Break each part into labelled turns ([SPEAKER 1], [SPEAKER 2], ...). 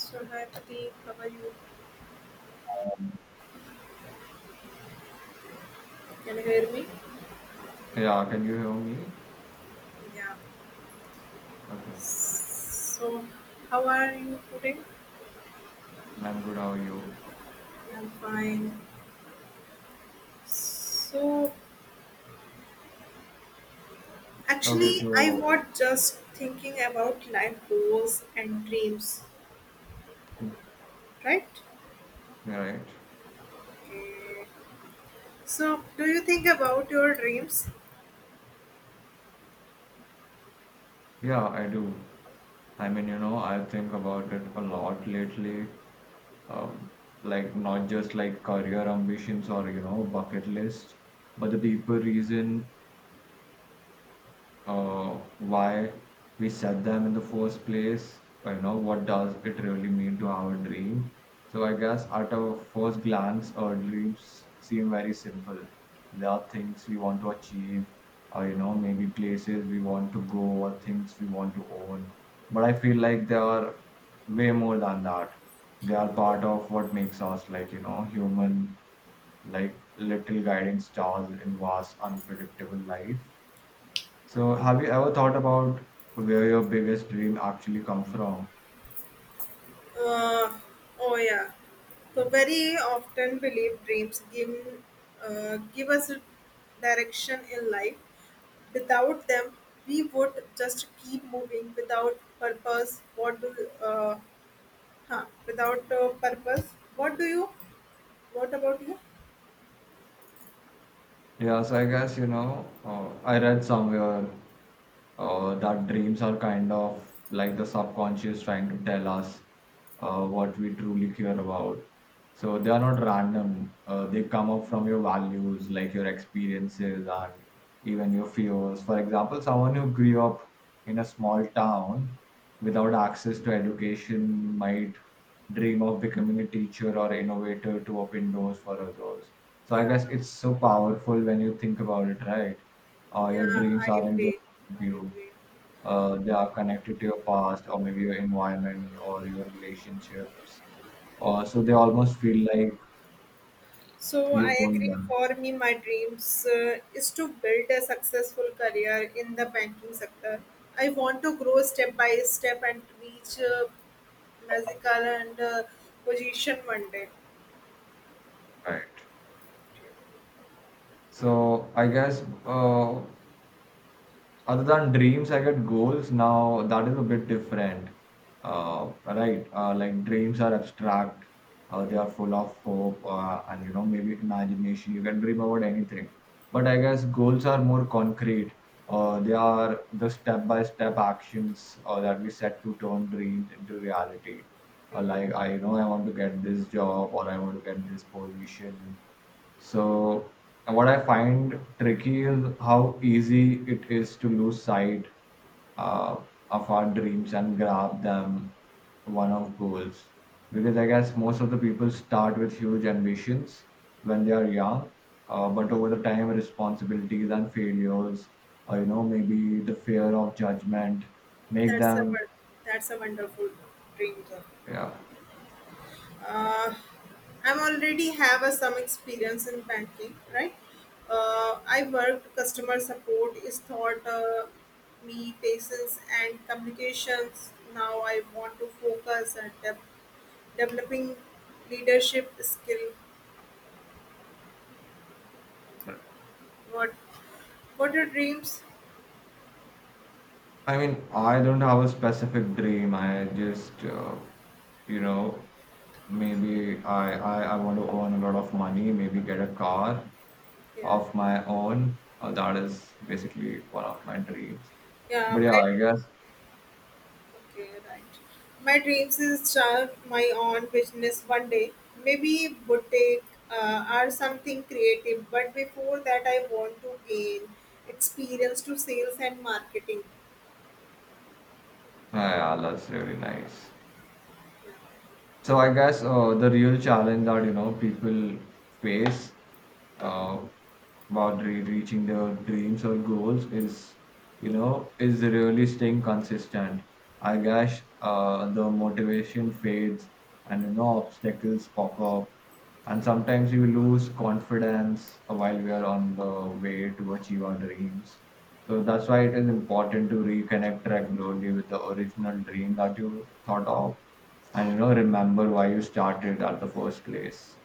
[SPEAKER 1] So hi Pati, how are you? Can you hear me?
[SPEAKER 2] Yeah, can you hear me?
[SPEAKER 1] Yeah.
[SPEAKER 2] Okay,
[SPEAKER 1] So how are you today?
[SPEAKER 2] I'm good. How are you?
[SPEAKER 1] I'm fine. So
[SPEAKER 2] Okay,
[SPEAKER 1] actually I
[SPEAKER 2] so,
[SPEAKER 1] was just thinking about life goals and dreams, right?
[SPEAKER 2] right.
[SPEAKER 1] Okay. So do you think about your dreams?
[SPEAKER 2] Yeah, I do. I mean, I think about it a lot lately. Um, like, not just like career ambitions or, bucket list, but the deeper reason why we set them in the first place. You know, what does it really mean to have a dream? So I guess at a first glance our dreams seem very simple. There are things we want to achieve, or maybe places we want to go, or things we want to own. But I feel like they are way more than that. They are part of what makes us, like, human, like little guiding stars in vast unpredictable life. So, have you ever thought about where your biggest dream actually come from?
[SPEAKER 1] Uh, oh yeah. So very often believe dreams give give us direction in life. Without them, we would just keep moving without purpose. What do uh, without purpose? What do you? What about you?
[SPEAKER 2] Yeah, so I guess, I read somewhere, that dreams are kind of like the subconscious trying to tell us what we truly care about. So they are not random. They come up from your values, like your experiences, and even your fears. For example, someone who grew up in a small town without access to education might dream of becoming a teacher or innovator to open doors for others. So I
[SPEAKER 1] Yeah,
[SPEAKER 2] guess it's so powerful when you think about it, right?
[SPEAKER 1] yeah,
[SPEAKER 2] Your
[SPEAKER 1] I
[SPEAKER 2] dreams aren't just
[SPEAKER 1] agree. I
[SPEAKER 2] you.
[SPEAKER 1] agree.
[SPEAKER 2] They are connected to your past, or maybe your environment or your relationships. So they almost feel like
[SPEAKER 1] So I
[SPEAKER 2] you own
[SPEAKER 1] agree.
[SPEAKER 2] them.
[SPEAKER 1] For me, my dreams is to build a successful career in the banking sector. I want to grow step by step and reach magical and position one day.
[SPEAKER 2] Right. So I guess, other than dreams, I get goals now, that is a bit different. Right. Like, dreams are abstract, they are full of hope, and maybe imagination. You can dream about anything, but I guess goals are more concrete. They are the step by step actions that we set to turn dreams into reality.
[SPEAKER 1] Yeah,
[SPEAKER 2] Like, I know I want to get this job, or I want to get this position. So what I find tricky is how easy it is to lose sight uh, of our dreams and grab them one of goals. Because I guess most of the people start with huge ambitions when they are young, but over the time, responsibilities and failures, or maybe the fear of judgment, make
[SPEAKER 1] that's a
[SPEAKER 2] them.
[SPEAKER 1] won- that's a wonderful dream. Job.
[SPEAKER 2] Yeah.
[SPEAKER 1] uh, I'm already have a, some experience in banking, right? I worked customer support is taught me patience and communications. Now I want to focus on developing leadership skill. What what are dreams?
[SPEAKER 2] I mean, I don't have a specific dream. I just, you know, maybe I want to earn a lot of money, maybe get a car
[SPEAKER 1] Yeah,
[SPEAKER 2] of my own. That is basically one of my dreams.
[SPEAKER 1] yeah.
[SPEAKER 2] But
[SPEAKER 1] My
[SPEAKER 2] yeah, I guess,
[SPEAKER 1] Okay, right. My dreams is start my own business one day. Maybe boutique or something creative. But before that, I want to gain experience to sales and marketing.
[SPEAKER 2] yeah, yeah, that's really nice. So I guess, the real challenge that people face, uh, about reaching their dreams or goals, is you know is really staying consistent. I guess, the motivation fades, and obstacles pop up, and sometimes you lose confidence while we are on the way to achieve our dreams. So that's why it is important to reconnect regularly with the original dream that you thought of, and remember why you started at the first place.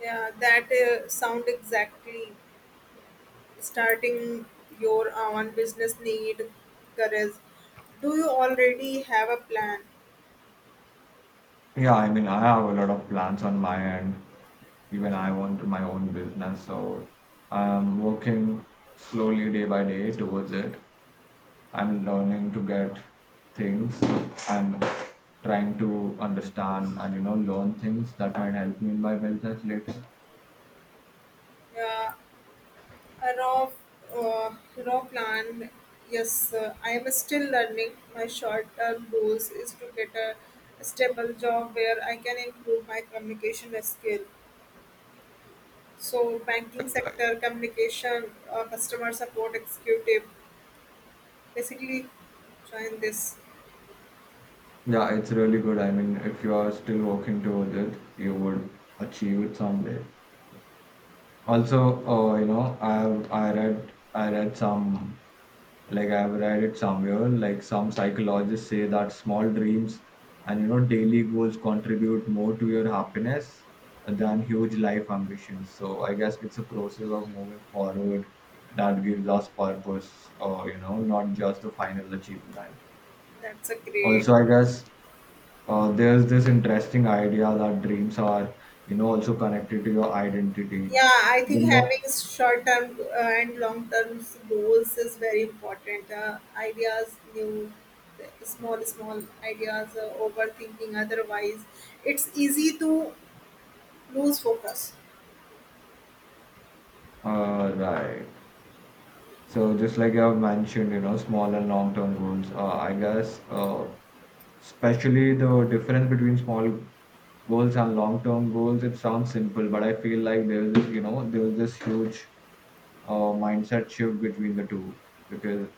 [SPEAKER 1] Yeah, that sound exactly. Starting your own business need courage. Do you already have a plan?
[SPEAKER 2] Yeah, I mean I have a lot of plans on my end. Even I want my own business, so I'm working slowly day by day towards it. I'm learning to get things. I'm trying to understand, and learn things that might help me in my business later.
[SPEAKER 1] Yeah, A raw, uh, raw plan. Yes, I am still learning. My short-term goals is to get a stable job where I can improve my communication skill. So, banking sector communication, customer support executive. Basically, join this.
[SPEAKER 2] Yeah, it's really good. I mean, if you are still working towards it, you would achieve it someday. Also, I read some, like I've read it somewhere, like some psychologists say that small dreams and daily goals contribute more to your happiness than huge life ambitions. So I guess it's a process of moving forward that gives us purpose, or not just the final achievement.
[SPEAKER 1] That's a great.
[SPEAKER 2] Also, I guess, there's this interesting idea that dreams are, also connected to your identity.
[SPEAKER 1] Yeah, I
[SPEAKER 2] The
[SPEAKER 1] think
[SPEAKER 2] more.
[SPEAKER 1] having short term and long term goals is very important. Ideas, new, small ideas, overthinking. Otherwise, it's easy to lose focus.
[SPEAKER 2] Right. So just like you have mentioned, small and long-term goals, I guess, especially the difference between small goals and long-term goals, it sounds simple. But I feel like there's this, huge mindset shift between the two. Because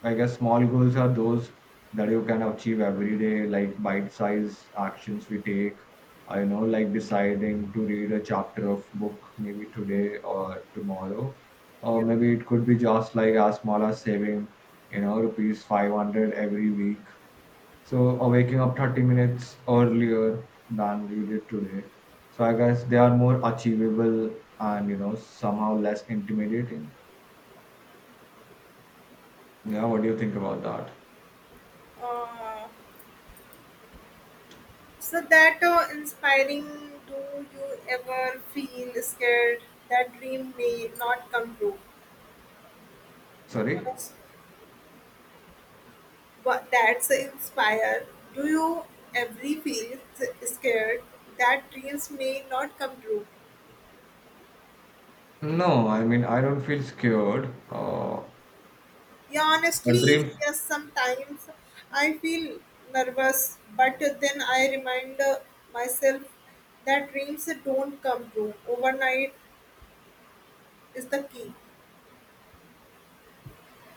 [SPEAKER 2] I guess small goals are those that you can achieve every day, like bite-sized actions we take. I know, like deciding to read a chapter of book maybe today or tomorrow, or
[SPEAKER 1] Yeah.
[SPEAKER 2] maybe it could be just like as small as saving, rupees 500 every week. So, or waking up 30 minutes earlier than you did today. So I guess they are more achievable, and somehow less intimidating. Yeah, what do you think about that?
[SPEAKER 1] Uh, so that inspiring. Do you ever feel scared that dream may not come true?
[SPEAKER 2] Sorry?
[SPEAKER 1] Honest. But that's inspire. Do you every scared that dreams may not come true?
[SPEAKER 2] No, I mean, I don't feel scared.
[SPEAKER 1] Yeah,
[SPEAKER 2] But
[SPEAKER 1] honestly,
[SPEAKER 2] dreams.
[SPEAKER 1] yes. Sometimes I feel nervous, but then I remind myself that dreams don't come true overnight is the key.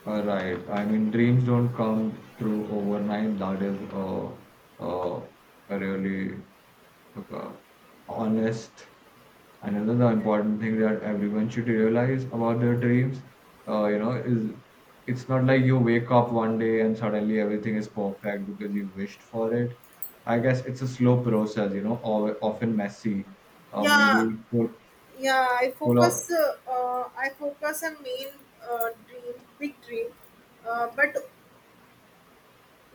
[SPEAKER 2] Right. I mean, dreams don't come through overnight. That is, uh, really, uh, honest. And another important thing that everyone should realize about their dreams, is, it's not like you wake up one day and suddenly everything is perfect because you wished for it. I guess it's a slow process, or often messy,
[SPEAKER 1] Yeah,
[SPEAKER 2] maybe full,
[SPEAKER 1] yeah. I
[SPEAKER 2] full of.
[SPEAKER 1] focus. I focus on main dream, big dream, but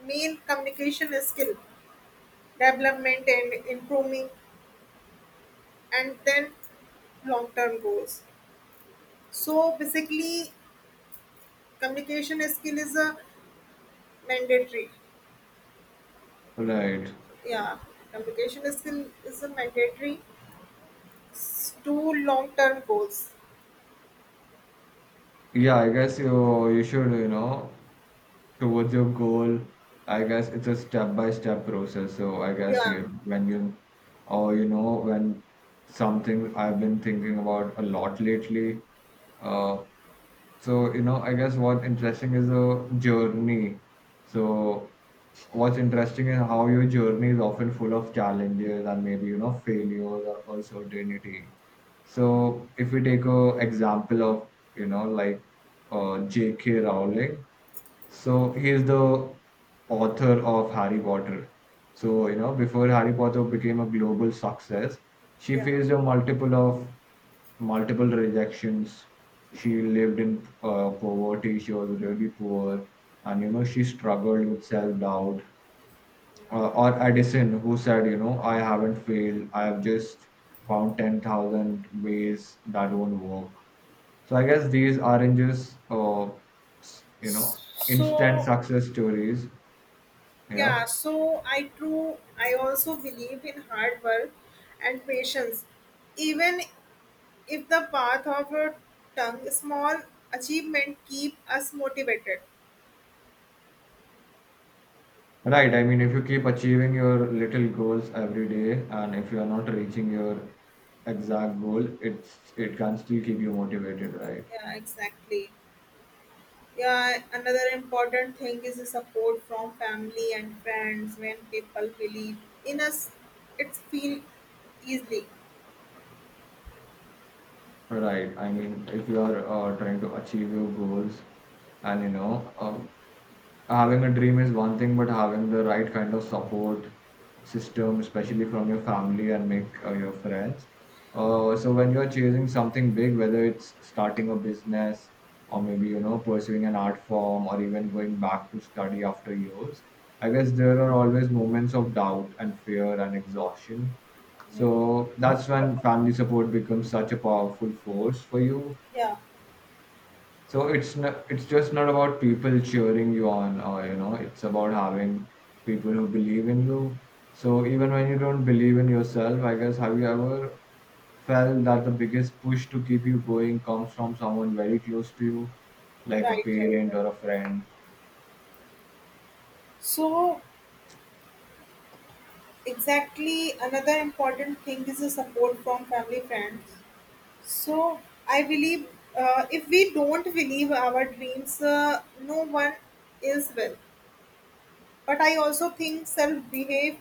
[SPEAKER 1] main communication skill development and improving and then long term goals. So basically communication skill is a mandatory.
[SPEAKER 2] Right.
[SPEAKER 1] Yeah, communication skill is a mandatory to long term goals.
[SPEAKER 2] Yeah, I guess you should. Towards your goal, I guess it's a step by step process. So I guess
[SPEAKER 1] yeah
[SPEAKER 2] you when you, or when something I've been thinking about a lot lately, uh so I guess so what's interesting is how your journey is often full of challenges, and maybe failures or uncertainty. So if we take a example of, like, J.K. Rowling. So he is the author of Harry Potter. So, before Harry Potter became a global success, she
[SPEAKER 1] yeah
[SPEAKER 2] faced a multiple rejections. She lived in poverty. She was really poor, and she struggled with self doubt. Or Edison, who said, I haven't failed. I have just found 10,000 ways that won't work. So I guess these are just s- you know instant
[SPEAKER 1] so
[SPEAKER 2] success stories. Yeah,
[SPEAKER 1] yeah so I also believe in hard work and patience, even if the path of a tongue small achievement keep us motivated.
[SPEAKER 2] right. I mean, if you keep achieving your little goals every day, and if you are not reaching your exact goal, it can still keep you motivated, right?
[SPEAKER 1] Yeah, exactly. Yeah, another important thing is the support from family and friends when people believe in us. It's feel easily.
[SPEAKER 2] Right. I mean, if you are trying to achieve your goals, and having a dream is one thing, but having the right kind of support system, especially from your family and make your friends. So when you're chasing something big, whether it's starting a business or maybe pursuing an art form, or even going back to study after years, I guess there are always moments of doubt and fear and exhaustion.
[SPEAKER 1] Yeah.
[SPEAKER 2] So that's when family support becomes such a powerful force for you.
[SPEAKER 1] Yeah,
[SPEAKER 2] So it's just not about people cheering you on, or it's about having people who believe in you. So even when you don't believe in yourself, I guess, have you ever felt that the biggest push to keep you going comes from someone very close to you, like a parent
[SPEAKER 1] right.
[SPEAKER 2] or a friend?
[SPEAKER 1] So exactly another important thing is the support from family friends. So I believe if we don't believe our dreams, no one is will. But I also think self behave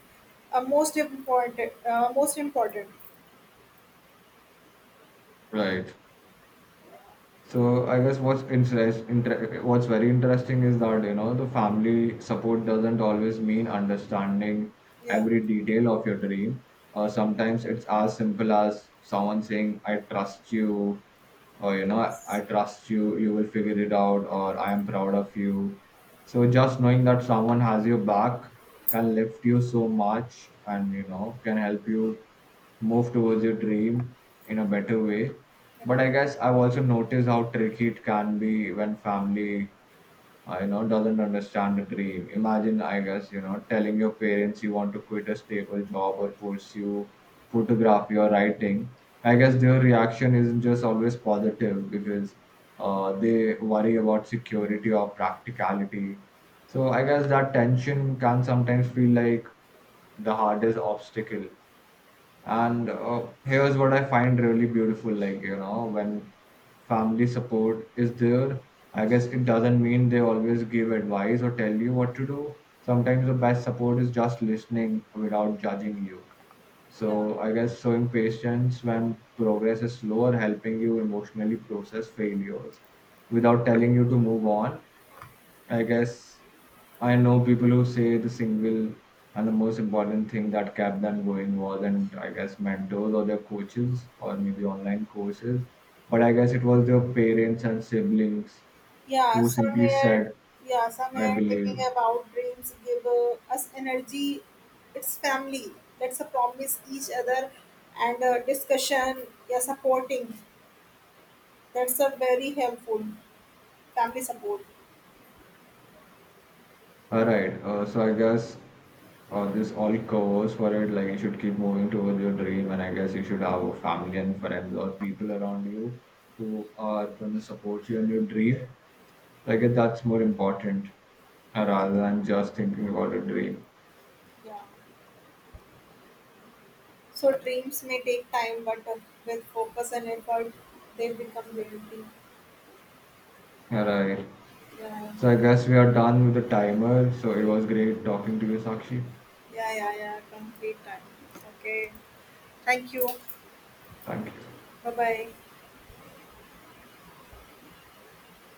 [SPEAKER 1] most important.
[SPEAKER 2] Right. So I guess what's very interesting is that the family support doesn't always mean understanding
[SPEAKER 1] Yeah.
[SPEAKER 2] every detail of your dream. Sometimes it's as simple as someone saying, "I trust you," or "I
[SPEAKER 1] Yes.
[SPEAKER 2] trust you. You will figure it out," or "I am proud of you." So just knowing that someone has your back can lift you so much, and can help you move towards your dream in a better way. But
[SPEAKER 1] Correct.
[SPEAKER 2] I guess I've also noticed how tricky it can be when family I know doesn't understand the dream. Imagine, I guess, telling your parents you want to quit a stable job or pursue photography or writing. I guess their reaction isn't just always positive because they worry about security or practicality. So I guess that tension can sometimes feel like the hardest obstacle. And here's what I find really beautiful, like, when family support is there, I guess it doesn't mean they always give advice or tell you what to do. Sometimes the best support is just listening without judging you.
[SPEAKER 1] Yeah.
[SPEAKER 2] So I guess showing patience when progress is slow, or helping you emotionally process failures without telling you to move on, I guess, I know people who say the single and the most important thing that kept them going wasn't, I guess, mentors or their coaches or maybe online courses, but I guess it was their parents and siblings
[SPEAKER 1] Yeah.
[SPEAKER 2] who simply
[SPEAKER 1] Somewhere.
[SPEAKER 2] said,
[SPEAKER 1] Yeah.
[SPEAKER 2] I
[SPEAKER 1] Somewhere thinking
[SPEAKER 2] believe.
[SPEAKER 1] about dreams give us energy. It's family. That's a promise each other and discussion. Yeah. Supporting. That's a very helpful family support.
[SPEAKER 2] All right, so I guess this all covers for it. Like, you should keep moving towards your dream, and I guess you should have a family and friends or people around you who are going to support you in your dream. I guess that's more important, rather than just thinking about a dream.
[SPEAKER 1] Yeah. So dreams may take time, but with focus and effort, they become reality.
[SPEAKER 2] Alright.
[SPEAKER 1] Yeah.
[SPEAKER 2] So I guess we are done with the timer. So it was great talking to you, Sakshi.
[SPEAKER 1] Yeah. Yeah. Yeah. Complete time. Okay. Thank you.
[SPEAKER 2] Thank you.
[SPEAKER 1] Bye bye.